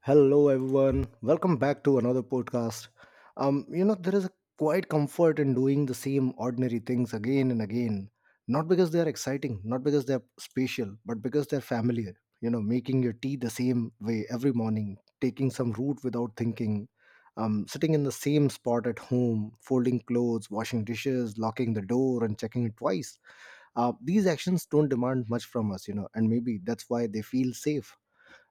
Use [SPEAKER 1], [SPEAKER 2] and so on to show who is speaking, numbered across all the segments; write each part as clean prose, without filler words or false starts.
[SPEAKER 1] Hello, everyone. Welcome back to another podcast. There is a quiet comfort in doing the same ordinary things again and again. Not because they are exciting, not because they're special, but because they're familiar. You know, making your tea the same way every morning, taking some route without thinking, sitting in the same spot at home, folding clothes, washing dishes, locking the door, and checking it twice. These actions don't demand much from us, you know, and maybe that's why they feel safe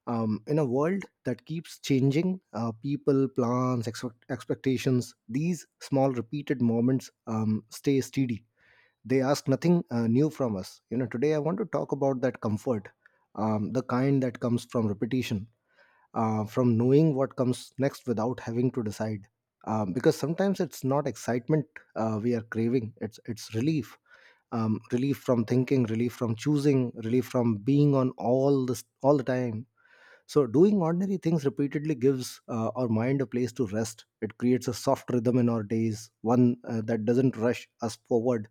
[SPEAKER 1] in a world that keeps changing, people, plans, expectations, these small repeated moments stay steady. They ask nothing new from us. Today I want to talk about that comfort, the kind that comes from repetition, from knowing what comes next without having to decide, because sometimes it's not excitement we are craving. It's relief, relief from thinking, relief from choosing, relief from being on all this all the time. So doing ordinary things repeatedly gives our mind a place to rest. It creates a soft rhythm in our days, one that doesn't rush us forward,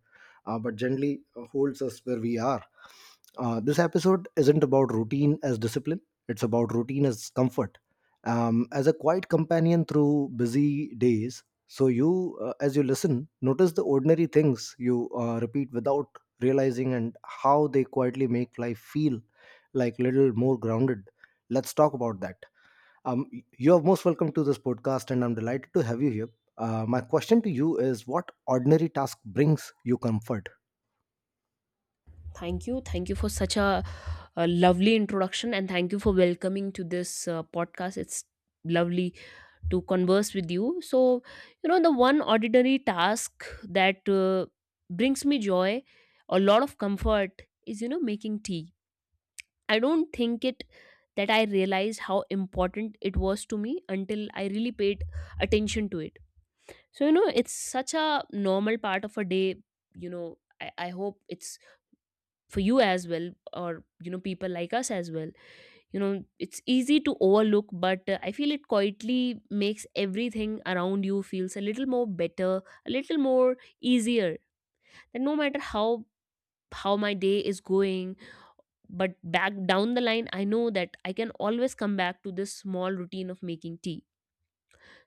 [SPEAKER 1] but gently holds us where we are. This episode isn't about routine as discipline, it's about routine as comfort, as a quiet companion through busy days. So, as you listen, notice the ordinary things you repeat without realizing, and how they quietly make life feel like little more grounded. Let's talk about that. Um, you are most welcome to this podcast, and I'm delighted to have you here. My question to you is, what ordinary task brings you comfort?
[SPEAKER 2] Thank you. Thank you for such a lovely introduction, and thank you for welcoming to this podcast. It's lovely to converse with you. So, you know, the one ordinary task that brings me joy, a lot of comfort is, you know, making tea. I don't think it that I realized how important it was to me until I really paid attention to it. So, you know, it's such a normal part of a day. You know, I hope it's for you as well, or you know, people like us as well, you know, it's easy to overlook, but I feel it quietly makes everything around you feels a little more better, a little more easier, that no matter how my day is going, but back down the line, I know that I can always come back to this small routine of making tea.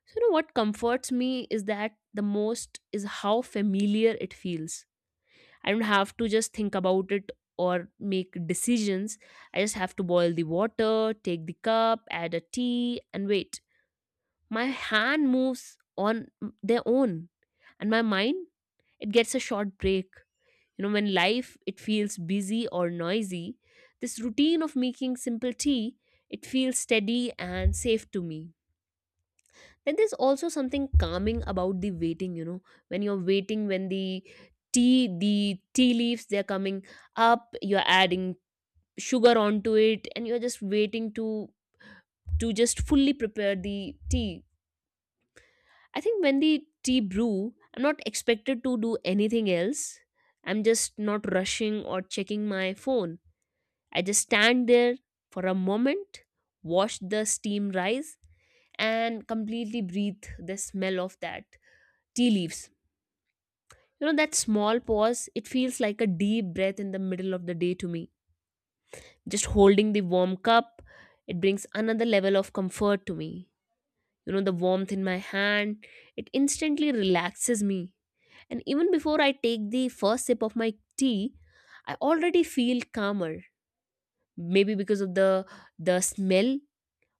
[SPEAKER 2] So you know what comforts me is that the most is how familiar it feels. I don't have to just think about it or make decisions. I just have to boil the water, take the cup, add a tea, and wait. My hand moves on their own, and my mind, it gets a short break. You know, when life it feels busy or noisy, this routine of making simple tea, it feels steady and safe to me. And there's also something calming about the waiting, you know, when you're waiting, when the the tea leaves, they're coming up, you're adding sugar onto it, and you're just waiting to just fully prepare the tea. I think when the tea brew, I'm not expected to do anything else. I'm just not rushing or checking my phone. I just stand there for a moment, watch the steam rise, and completely breathe the smell of that tea leaves. You know, that small pause, it feels like a deep breath in the middle of the day to me. Just holding the warm cup, it brings another level of comfort to me. You know, the warmth in my hand, it instantly relaxes me. And even before I take the first sip of my tea, I already feel calmer. Maybe because of the smell,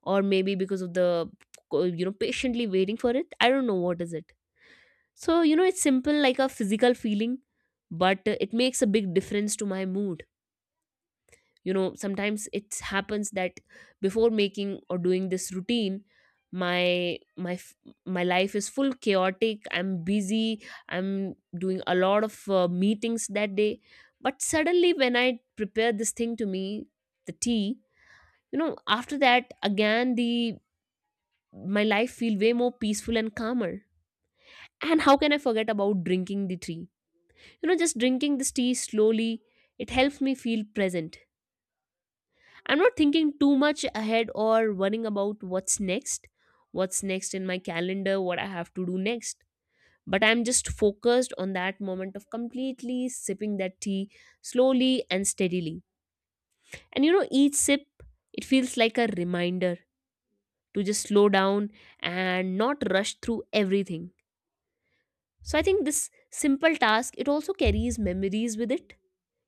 [SPEAKER 2] or maybe because of the, you know, patiently waiting for it. I don't know what is it. So, you know, it's simple like a physical feeling, but it makes a big difference to my mood. You know, sometimes it happens that before making or doing this routine, my my f- my life is full chaotic, I'm busy, I'm doing a lot of meetings that day, but suddenly when I prepare this thing to me, the tea, you know, after that, again the my life feel way more peaceful and calmer. And how can I forget about drinking the tea? You know, just drinking this tea slowly, it helps me feel present. I'm not thinking too much ahead or worrying about what's next in my calendar, what I have to do next. But I'm just focused on that moment of completely sipping that tea slowly and steadily. And you know, each sip, it feels like a reminder to just slow down and not rush through everything. So I think this simple task, it also carries memories with it.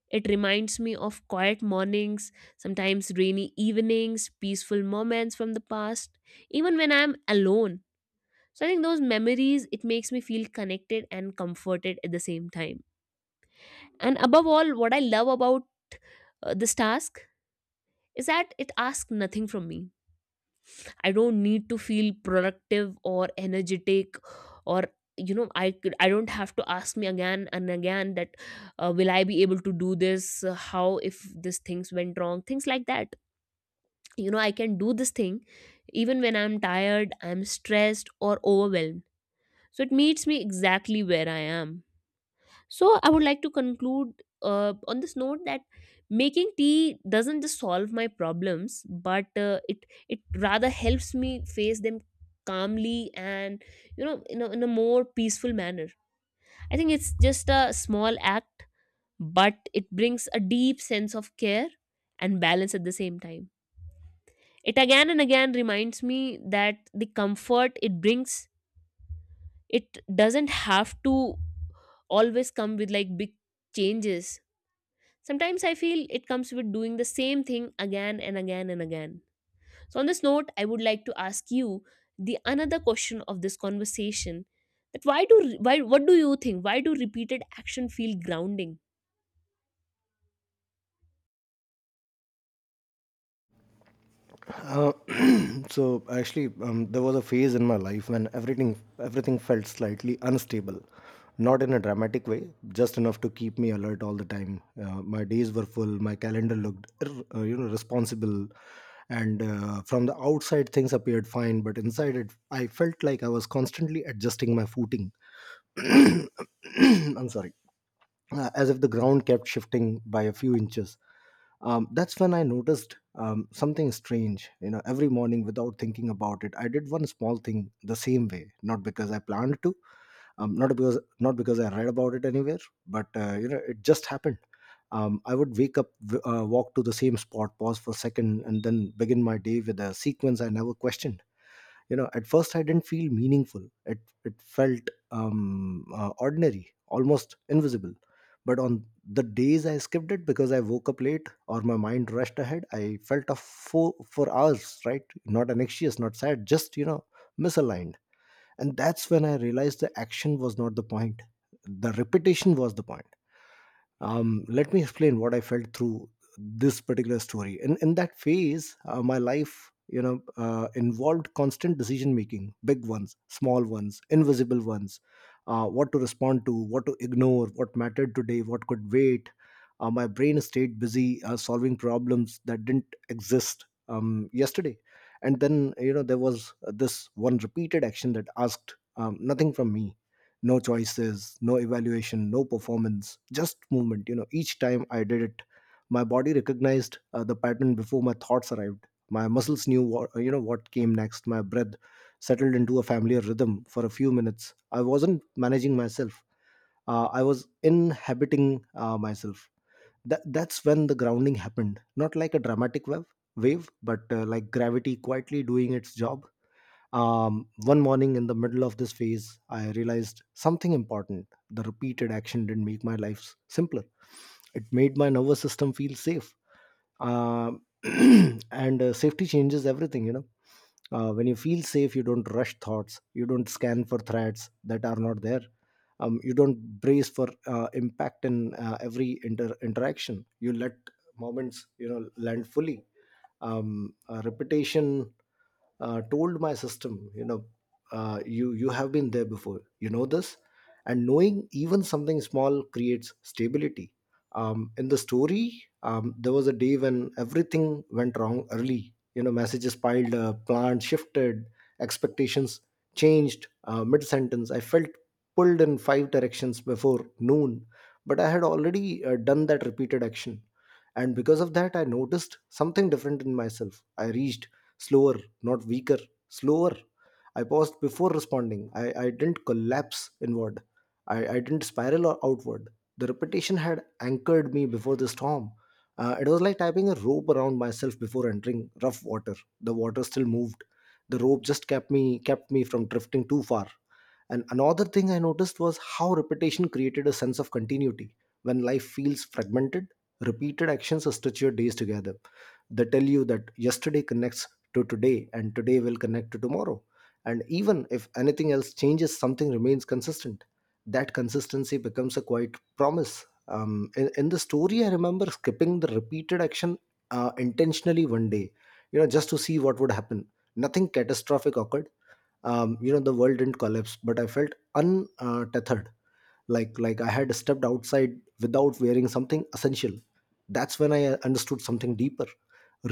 [SPEAKER 2] It reminds me of quiet mornings, sometimes rainy evenings, peaceful moments from the past, even when I'm alone. So I think those memories, it makes me feel connected and comforted at the same time. And above all, what I love about this task is that it asks nothing from me. I don't need to feel productive or energetic, or you know, I don't have to ask me again and again that will I be able to do this? How if these things went wrong, things like that. You know, I can do this thing even when I'm tired, I'm stressed or overwhelmed. So it meets me exactly where I am. So I would like to conclude on this note, that making tea doesn't just solve my problems, but it rather helps me face them calmly and, you know, in a more peaceful manner. I think it's just a small act, but it brings a deep sense of care and balance at the same time. It again and again reminds me that the comfort it brings, it doesn't have to always come with like big changes. Sometimes I feel it comes with doing the same thing again and again and again. So on this note, I would like to ask you the another question of this conversation, that why do why what do you think, why do repeated action feel grounding?
[SPEAKER 1] Uh, so actually, there was a phase in my life when everything felt slightly unstable, not in a dramatic way, just enough to keep me alert all the time. My days were full, my calendar looked responsible, and from the outside things appeared fine, but inside it, I felt like I was constantly adjusting my footing. I'm sorry, as if the ground kept shifting by a few inches. That's when I noticed something strange. You know, every morning without thinking about it, I did one small thing the same way. Not because I planned to, not because I read about it anywhere, but it just happened. I would wake up, walk to the same spot, pause for a second, and then begin my day with a sequence I never questioned. At first I didn't feel meaningful. It felt ordinary, almost invisible. But on the days I skipped it because I woke up late or my mind rushed ahead, I felt a four for hours, right? Not anxious, not sad, just, misaligned. And that's when I realized the action was not the point. The repetition was the point. Let me explain what I felt through this particular story. In that phase, my life, involved constant decision making. Big ones, small ones, invisible ones. What to respond to, what to ignore, what mattered today, what could wait. My brain stayed busy solving problems that didn't exist yesterday. And then, there was this one repeated action that asked nothing from me. No choices, no evaluation, no performance, just movement. Each time I did it, my body recognized the pattern before my thoughts arrived. My muscles knew what you know what came next. My breath settled into a familiar rhythm. For a few minutes I wasn't managing myself, I was inhabiting myself. That's when the grounding happened, not like a dramatic wave but like gravity quietly doing its job. One morning in the middle of this phase, I realized something important. The repeated action didn't make my life simpler. It made my nervous system feel safe. Um and Safety changes everything, you know. When you feel safe, you don't rush thoughts, you don't scan for threats that are not there. You don't brace for impact in every interaction. You let moments, you know, land fully. Repetition told my system, you have been there before, you know this. And knowing even something small creates stability. In the story, there was a day when everything went wrong early. Messages piled up, plans shifted, expectations changed mid sentence. I felt pulled in five directions before noon. But I had already done that repeated action. And because of that, I noticed something different in myself. I reached slower, not weaker. Slower. I paused before responding. I didn't collapse inward. I didn't spiral or outward. The repetition had anchored me before the storm. It was like tying a rope around myself before entering rough water. The water still moved. The rope just kept me from drifting too far. And another thing I noticed was how repetition created a sense of continuity. When life feels fragmented, repeated actions stitch your days together. They tell you that yesterday connects to today and today will connect to tomorrow. And even if anything else changes, something remains consistent. That consistency becomes a quiet promise. In the story, I remember skipping the repeated action intentionally one day, you know, just to see what would happen. Nothing catastrophic occurred. The world didn't collapse, but I felt untethered, like I had stepped outside without wearing something essential. That's when I understood something deeper.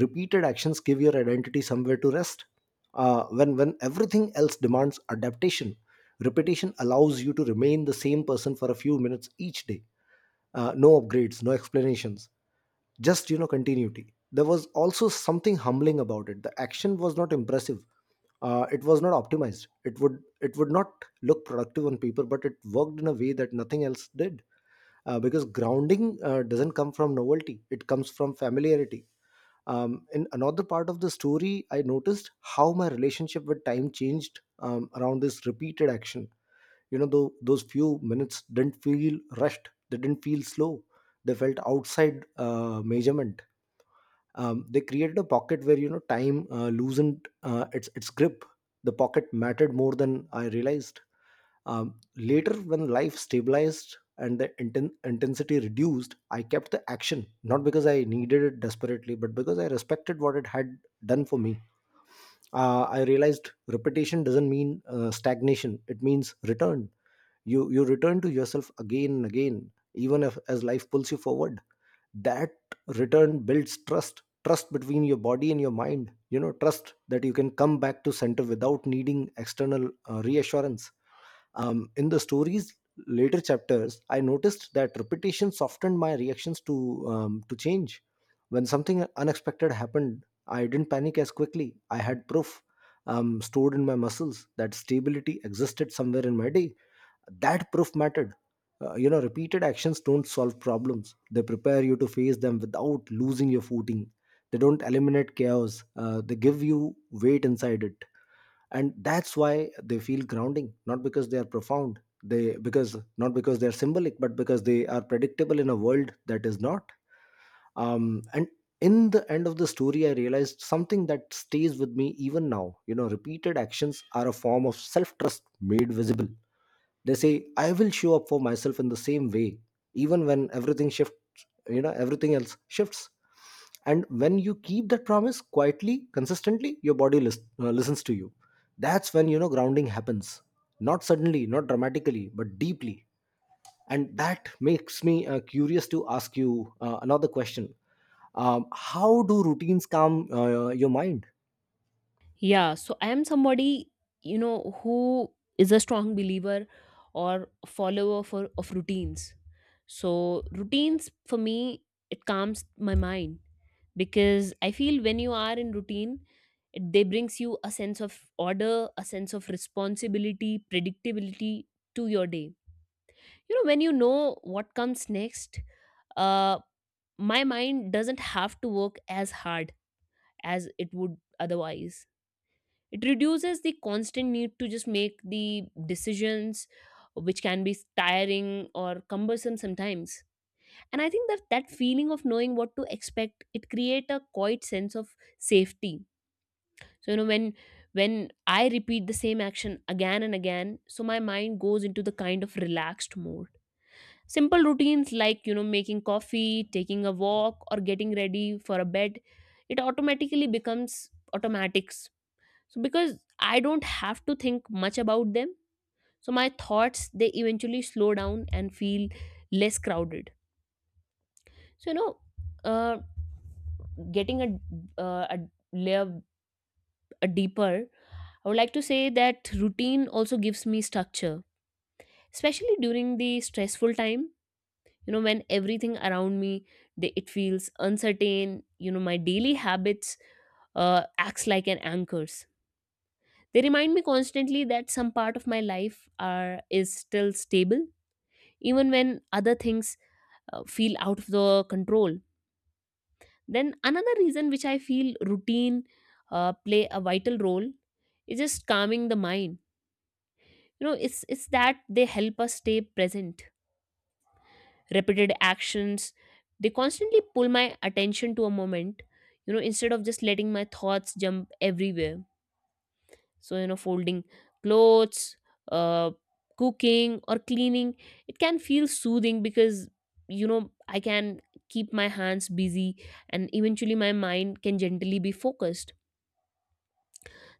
[SPEAKER 1] Repeated actions give your identity somewhere to rest. When everything else demands adaptation, repetition allows you to remain the same person for a few minutes each day. No upgrades, no explanations, just continuity. There was also something humbling about it. The action was not impressive, it was not optimized. It would not look productive on paper, but it worked in a way that nothing else did. Because grounding doesn't come from novelty. It comes from familiarity. In another part of the story, I noticed how my relationship with time changed around this repeated action. Though those few minutes didn't feel rushed, they didn't feel slow. They felt outside measurement. They created a pocket where, you know, time loosened its grip. The pocket mattered more than I realized. Later, when life stabilized and the intensity reduced, I kept the action, not because I needed it desperately but because I respected what it had done for me. I realized repetition doesn't mean stagnation. It means return. You return to yourself again and again, even if as life pulls you forward. That return builds trust. Trust between your body and your mind, you know, trust that you can come back to center without needing external reassurance. In the stories later chapters, I noticed that repetition softened my reactions to change. When something unexpected happened, I didn't panic as quickly. I had proof, stored in my muscles, that stability existed somewhere in my day. That proof mattered. Repeated actions don't solve problems. They prepare you to face them without losing your footing. They don't eliminate chaos. They give you weight inside it, and that's why they feel grounding. Not because they are profound. They because Not because they are symbolic, but because they are predictable in a world that is not. And In the end of the story, I realized something that stays with me even now. You know, repeated actions are a form of self trust made visible. They say, I will show up for myself in the same way, even when everything shifts. Everything else shifts. And when you keep that promise quietly, consistently, your body listens to you. That's when, you know, grounding happens, not suddenly, not dramatically, but deeply. And that makes me curious to ask you another question. How do routines calm your mind?
[SPEAKER 2] Yeah, so I am somebody, you know, who is a strong believer or follower for of routines. So routines for me, it calms my mind, because I feel when you are in routine, they brings you a sense of order, a sense of responsibility, predictability to your day. You know, when you know what comes next, uh, my mind doesn't have to work as hard as it would otherwise. It reduces the constant need to just make the decisions, which can be tiring or cumbersome sometimes. And I think that feeling of knowing what to expect, it create a quiet sense of safety. So you know, when I repeat the same action again and again, so my mind goes into the kind of relaxed mode. Simple routines, like you know, making coffee, taking a walk, or getting ready for a bed, it automatically becomes automatic so because I don't have to think much about them, so my thoughts, they eventually slow down and feel less crowded. So you know, uh, getting a a layer a deeper, I would like to say that routine also gives me structure, especially during the stressful time. You know, when everything around me it feels uncertain. You know, my daily habits acts like an anchors. They remind me constantly that some part of my life is still stable, even when other things feel out of the control. Then another reason which I feel routine play a vital role is just calming the mind. You know, it's that they help us stay present. Repeated actions, they constantly pull my attention to a moment. You know, instead of just letting my thoughts jump everywhere. So you know, folding clothes, uh cooking or cleaning, it can feel soothing because you know, I can keep my hands busy, and eventually my mind can gently be focused.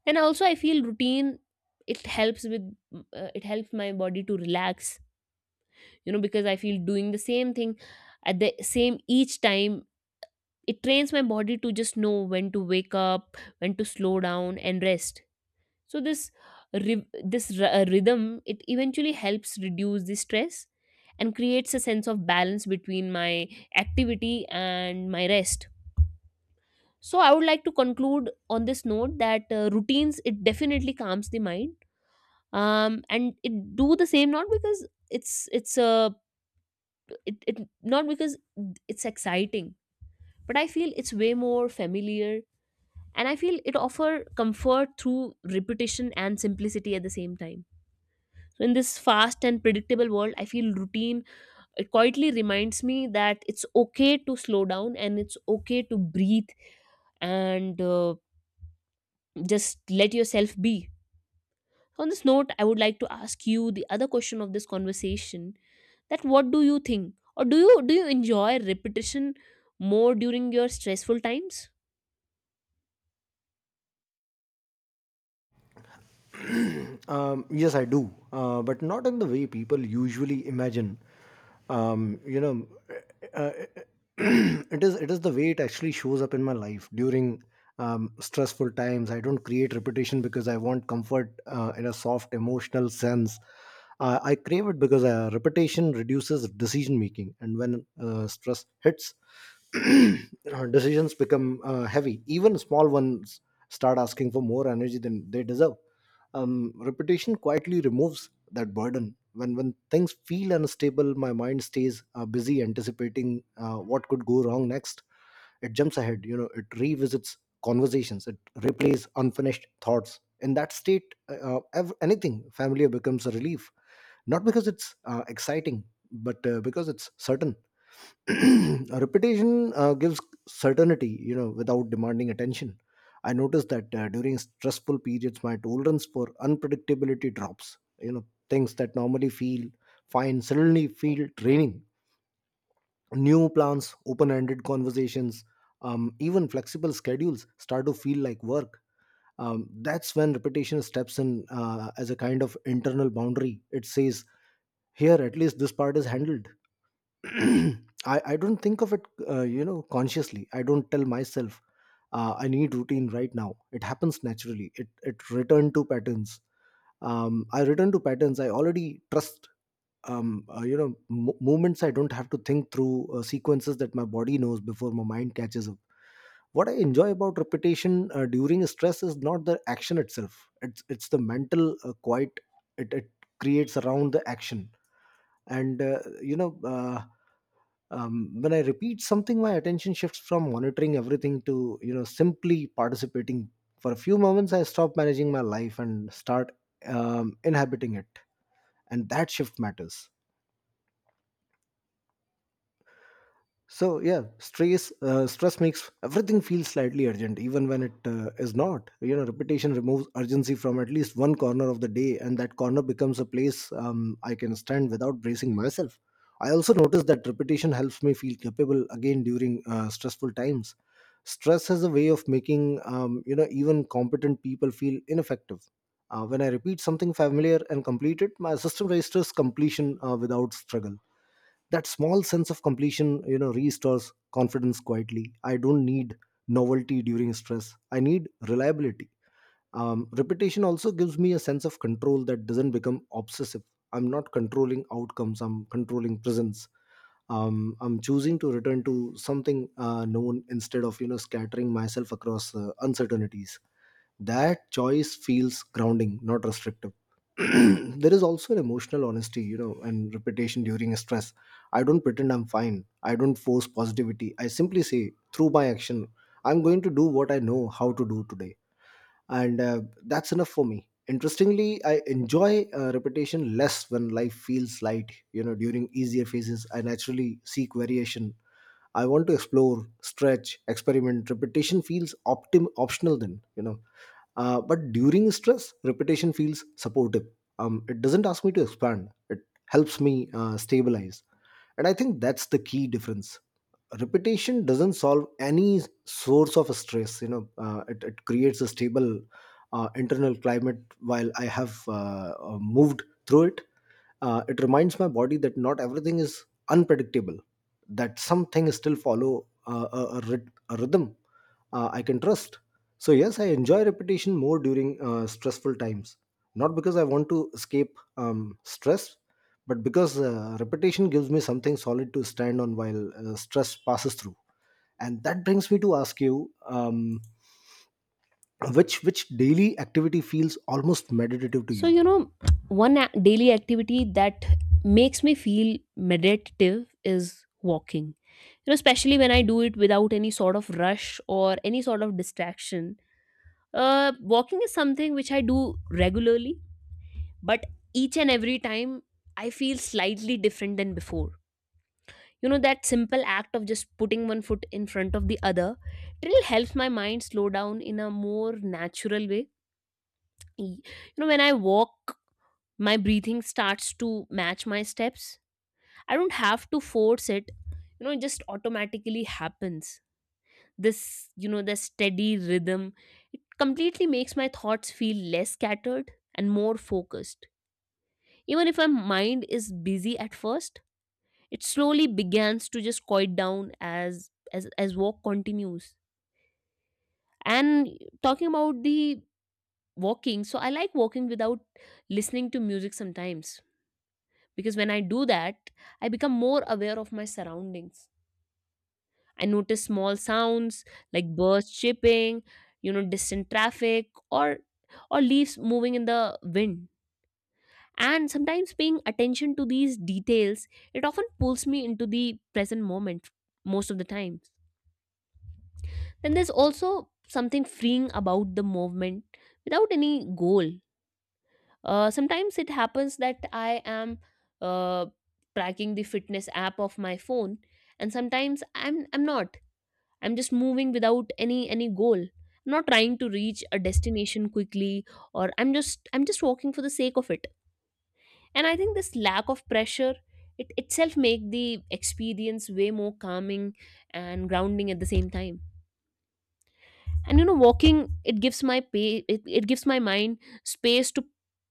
[SPEAKER 2] And also I feel routine, it helps with it helps my body to relax. You know, because I feel doing the same thing at the same each time, it trains my body to just know when to wake up, when to slow down, and rest. So this rhythm, it eventually helps reduce the stress and creates a sense of balance between my activity and my rest. So I would like to conclude on this note that routines, it definitely calms the mind. Um, and it do the same not because it's it, it not because it's exciting, but I feel it's way more familiar, and I feel it offer comfort through repetition and simplicity at the same time. So in this fast and predictable world, I feel routine, it quietly reminds me that it's okay to slow down, and it's okay to breathe, and just let yourself be. On this note, I would like to ask you the other question of this conversation, that what do you think, or do you enjoy repetition more during your stressful times?
[SPEAKER 1] Yes, I do, but not in the way people usually imagine. Um, you know, uh, it is the way it actually shows up in my life during stressful times. I don't create repetition because I want comfort in a soft emotional sense. I crave it because repetition reduces decision making, and when stress hits, decisions become heavy. Even small ones start asking for more energy than they deserve. Repetition quietly removes that burden. When things feel unstable, my mind stays busy anticipating what could go wrong next. It jumps ahead. It revisits conversations. It replays unfinished thoughts. In that state, anything familiar becomes a relief, not because it's exciting, but because it's certain. A repetition gives certainty, without demanding attention. I noticed that during stressful periods, my tolerance for unpredictability drops. You know, things that normally feel fine suddenly feel draining. New plans, open ended conversations, even flexible schedules start to feel like work. That's when repetition steps in as a kind of internal boundary. It says, here, at least this part is handled. I, I don't think of it, consciously. I don't tell myself, I need routine right now. It happens naturally. It return to patterns. I return to patterns. I already trust. You know, mo movements. I don't have to think through sequences that my body knows before my mind catches up. What I enjoy about repetition during stress is not the action itself. It's the mental quiet. It creates around the action, and when I repeat something, my attention shifts from monitoring everything to simply participating. For a few moments, I stop managing my life and start inhabiting it, and that shift matters. So yeah, stress makes everything feel slightly urgent, even when it is not. You know, repetition removes urgency from at least one corner of the day, and that corner becomes a place I can stand without bracing myself. I also notice that repetition helps me feel capable again during stressful times. Stress has a way of making, even competent people feel ineffective. When I repeat something familiar and complete it, my system registers completion without struggle. That small sense of completion, restores confidence quietly. I don't need novelty during stress, I need reliability. Repetition also gives me a sense of control that doesn't become obsessive. I'm not controlling outcomes, I'm controlling presence. I'm choosing to return to something known instead of, scattering myself across uncertainties. That choice feels grounding, not restrictive. there is also an emotional honesty, and repetition during stress. I don't pretend I'm fine, I don't force positivity. I simply say through my action, I'm going to do what I know how to do today, and that's enough for me. Interestingly, I enjoy repetition less when life feels light. You know, during easier phases I naturally seek variation. I want to explore, stretch, experiment. Repetition feels optional then, But during stress, repetition feels supportive. It doesn't ask me to expand. It helps me stabilize, and I think that's the key difference. Repetition doesn't solve any source of stress. It creates a stable internal climate while I have moved through it. It reminds my body that not everything is unpredictable, that something still follow a rhythm I can trust. So yes, I enjoy repetition more during stressful times, not because I want to escape stress, but because repetition gives me something solid to stand on while stress passes through. And that brings me to ask you, which daily activity feels almost meditative to
[SPEAKER 2] So,
[SPEAKER 1] you?
[SPEAKER 2] you know, daily activity that makes me feel meditative is walking. You know, especially when I do it without any sort of rush or any sort of distraction. Walking is something which I do regularly, but each and every time I feel slightly different than before. You know, that simple act of just putting one foot in front of the other, it really helps my mind slow down in a more natural way. You know, when I walk, my breathing starts to match my steps. I don't have to force it. You know, it just automatically happens. This, you know, the steady rhythm, it completely makes my thoughts feel less scattered and more focused. Even if my mind is busy at first, it slowly begins to just quiet down as walk continues. And talking about the walking, so I like walking without listening to music sometimes. Because when I do that, I become more aware of my surroundings. I notice small sounds, like birds chirping, you know, distant traffic, or leaves moving in the wind. And sometimes paying attention to these details, it often pulls me into the present moment most of the times. Then there's also something freeing about the movement without any goal. Sometimes it happens that I am uh, tracking the fitness app of my phone, and sometimes I'm not. I'm just moving without any goal. I'm not trying to reach a destination quickly, or I'm just walking for the sake of it. And I think this lack of pressure it itself make the experience way more calming and grounding at the same time. And walking it gives my mind space to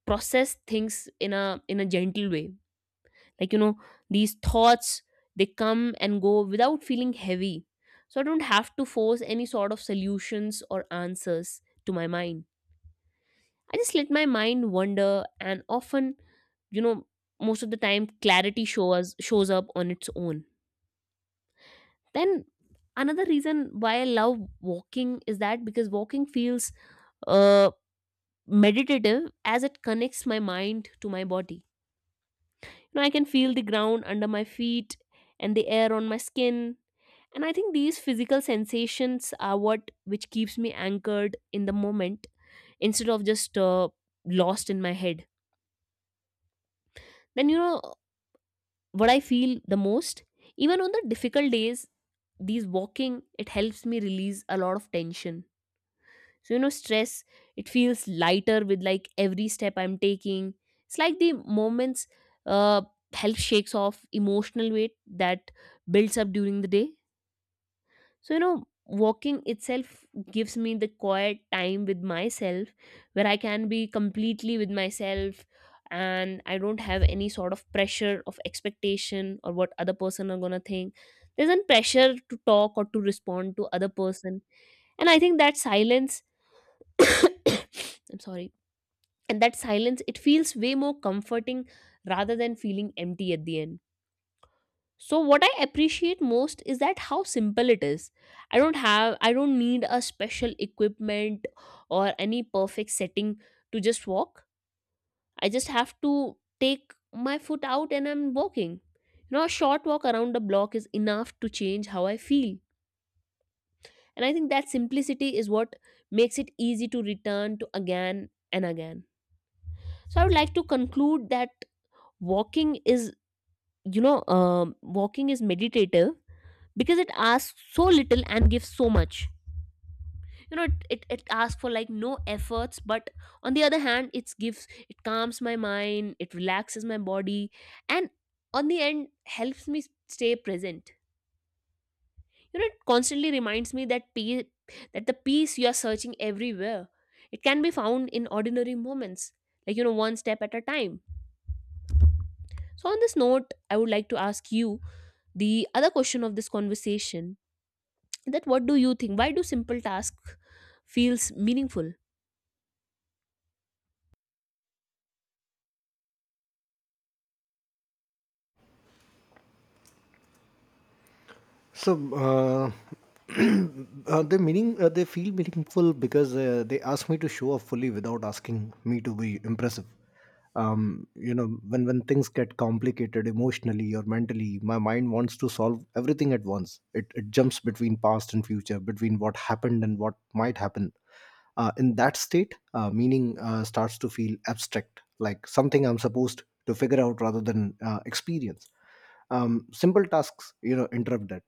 [SPEAKER 2] process things in a gentle way, like you know these thoughts, they come and go without feeling heavy. So I don't have to force any sort of solutions or answers to my mind. I just let my mind wander, and often, you know most of the time clarity shows up on its own. Then another reason why I love walking is that because walking feels uh meditative, as it connects my mind to my body. You know, I can feel the ground under my feet and the air on my skin, and I think these physical sensations are what which keeps me anchored in the moment, instead of just lost in my head. Then, what I feel the most, even on the difficult days, these walking, it helps me release a lot of tension. So, stress, it feels lighter with like every step I'm taking. It's like the moments uh help shakes off emotional weight that builds up during the day. So, walking itself gives me the quiet time with myself, where I can be completely with myself, and I don't have any sort of pressure of expectation or what other person are gonna think. There's no pressure to talk or to respond to other person. And I think that silence I'm sorry. And that silence, it feels way more comforting rather than feeling empty at the end. So what I appreciate most is that how simple it is. I don't need a special equipment or any perfect setting to just walk. I just have to take my foot out and I'm walking. You know, a short walk around the block is enough to change how I feel. And I think that simplicity is what makes it easy to return to again and again. So I would like to conclude that walking is walking is meditative because it asks so little and gives so much. You know, it asks for like no efforts, but on the other hand it gives, it calms my mind, it relaxes my body, and on the end helps me stay present. You know, it constantly reminds me that peace that the peace you are searching everywhere, it can be found in ordinary moments, like, one step at a time. So on this note I would like to ask you the other question of this conversation, that what do you think, why do simple task feels meaningful?
[SPEAKER 1] So uh, they meaning they feel meaningful because they ask me to show up fully without asking me to be impressive. When things get complicated emotionally or mentally, my mind wants to solve everything at once. It jumps between past and future, between what happened and what might happen. In that state, meaning starts to feel abstract, like something I'm supposed to figure out rather than experience. Simple tasks, interrupt that.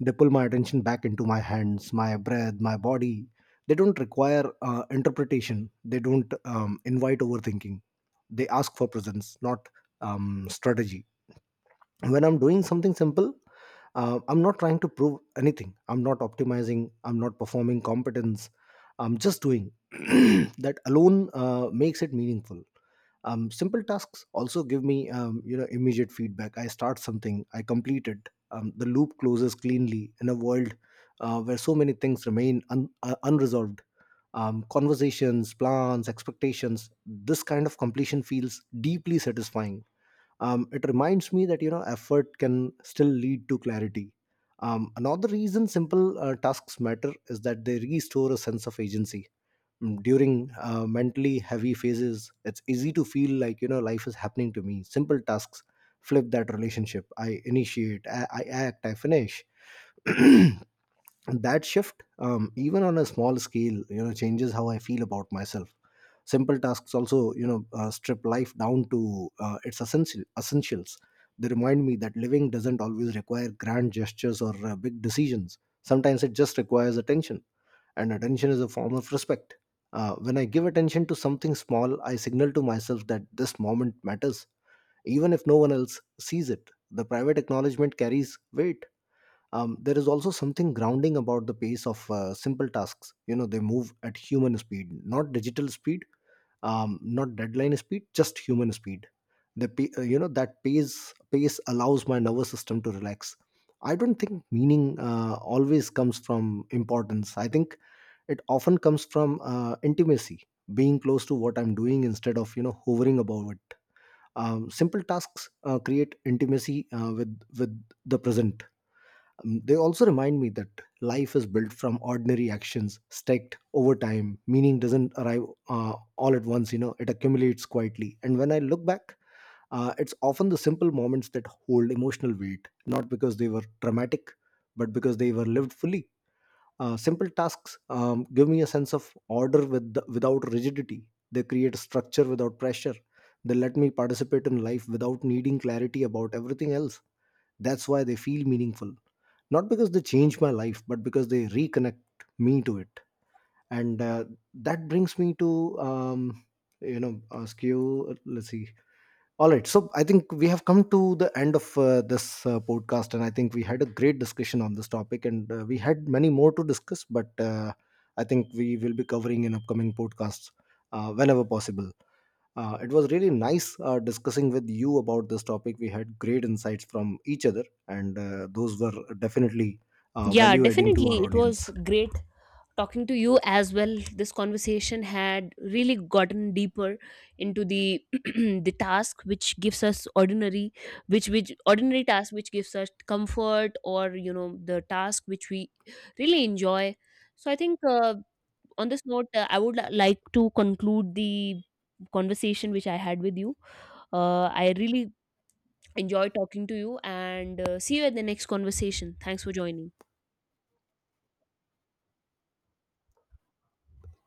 [SPEAKER 1] They pull my attention back into my hands, my breath, my body. They don't require interpretation, they don't invite overthinking. They ask for presence, not strategy. When I'm doing something simple, I'm not trying to prove anything, I'm not optimizing, I'm not performing competence. I'm just doing. that alone makes it meaningful. Simple tasks also give me, immediate feedback. I start something, I complete it. The loop closes cleanly in a world where so many things remain unresolved: conversations, plans, expectations. This kind of completion feels deeply satisfying. It reminds me that, effort can still lead to clarity. Another reason simple tasks matter is that they restore a sense of agency. During mentally heavy phases, it's easy to feel like, life is happening to me. Simple tasks flip that relationship. I initiate, I act, I finish. that shift, even on a small scale, changes how I feel about myself. Simple tasks also, strip life down to its essentials. They remind me that living doesn't always require grand gestures or big decisions. Sometimes it just requires attention, and attention is a form of respect. When I give attention to something small, I signal to myself that this moment matters, even if no one else sees it. The private acknowledgement carries weight. There is also something grounding about the pace of simple tasks. You know, they move at human speed, not digital speed, not deadline speed, just human speed. The pa- uh, you know that pace pace allows my nervous system to relax. I don't think meaning always comes from importance. I think it often comes from intimacy, being close to what I'm doing instead of, hovering above it. Simple tasks create intimacy with the present. They also remind me that life is built from ordinary actions stacked over time. Meaning doesn't arrive all at once, it accumulates quietly. And when I look back, it's often the simple moments that hold emotional weight, not because they were dramatic, but because they were lived fully. Simple tasks give me a sense of order with without rigidity. They create structure without pressure. They let me participate in life without needing clarity about everything else. That's why they feel meaningful, not because they change my life, but because they reconnect me to it. And that brings me to, ask you, let's see. All right, so I think we have come to the end of this podcast, and I think we had a great discussion on this topic, and we had many more to discuss, but I think we will be covering in upcoming podcasts whenever possible. It was really nice discussing with you about this topic. We had great insights from each other, and those were definitely
[SPEAKER 2] Yeah,
[SPEAKER 1] value adding to our
[SPEAKER 2] definitely, it
[SPEAKER 1] audience.
[SPEAKER 2] was great talking to you as well. This conversation had really gotten deeper into the the task which gives us ordinary which ordinary task which gives us comfort, or, you know, the task which we really enjoy. So I think, on this note, I would like to conclude the conversation which I had with you. I really enjoy talking to you, and, see you at the next conversation. Thanks for joining.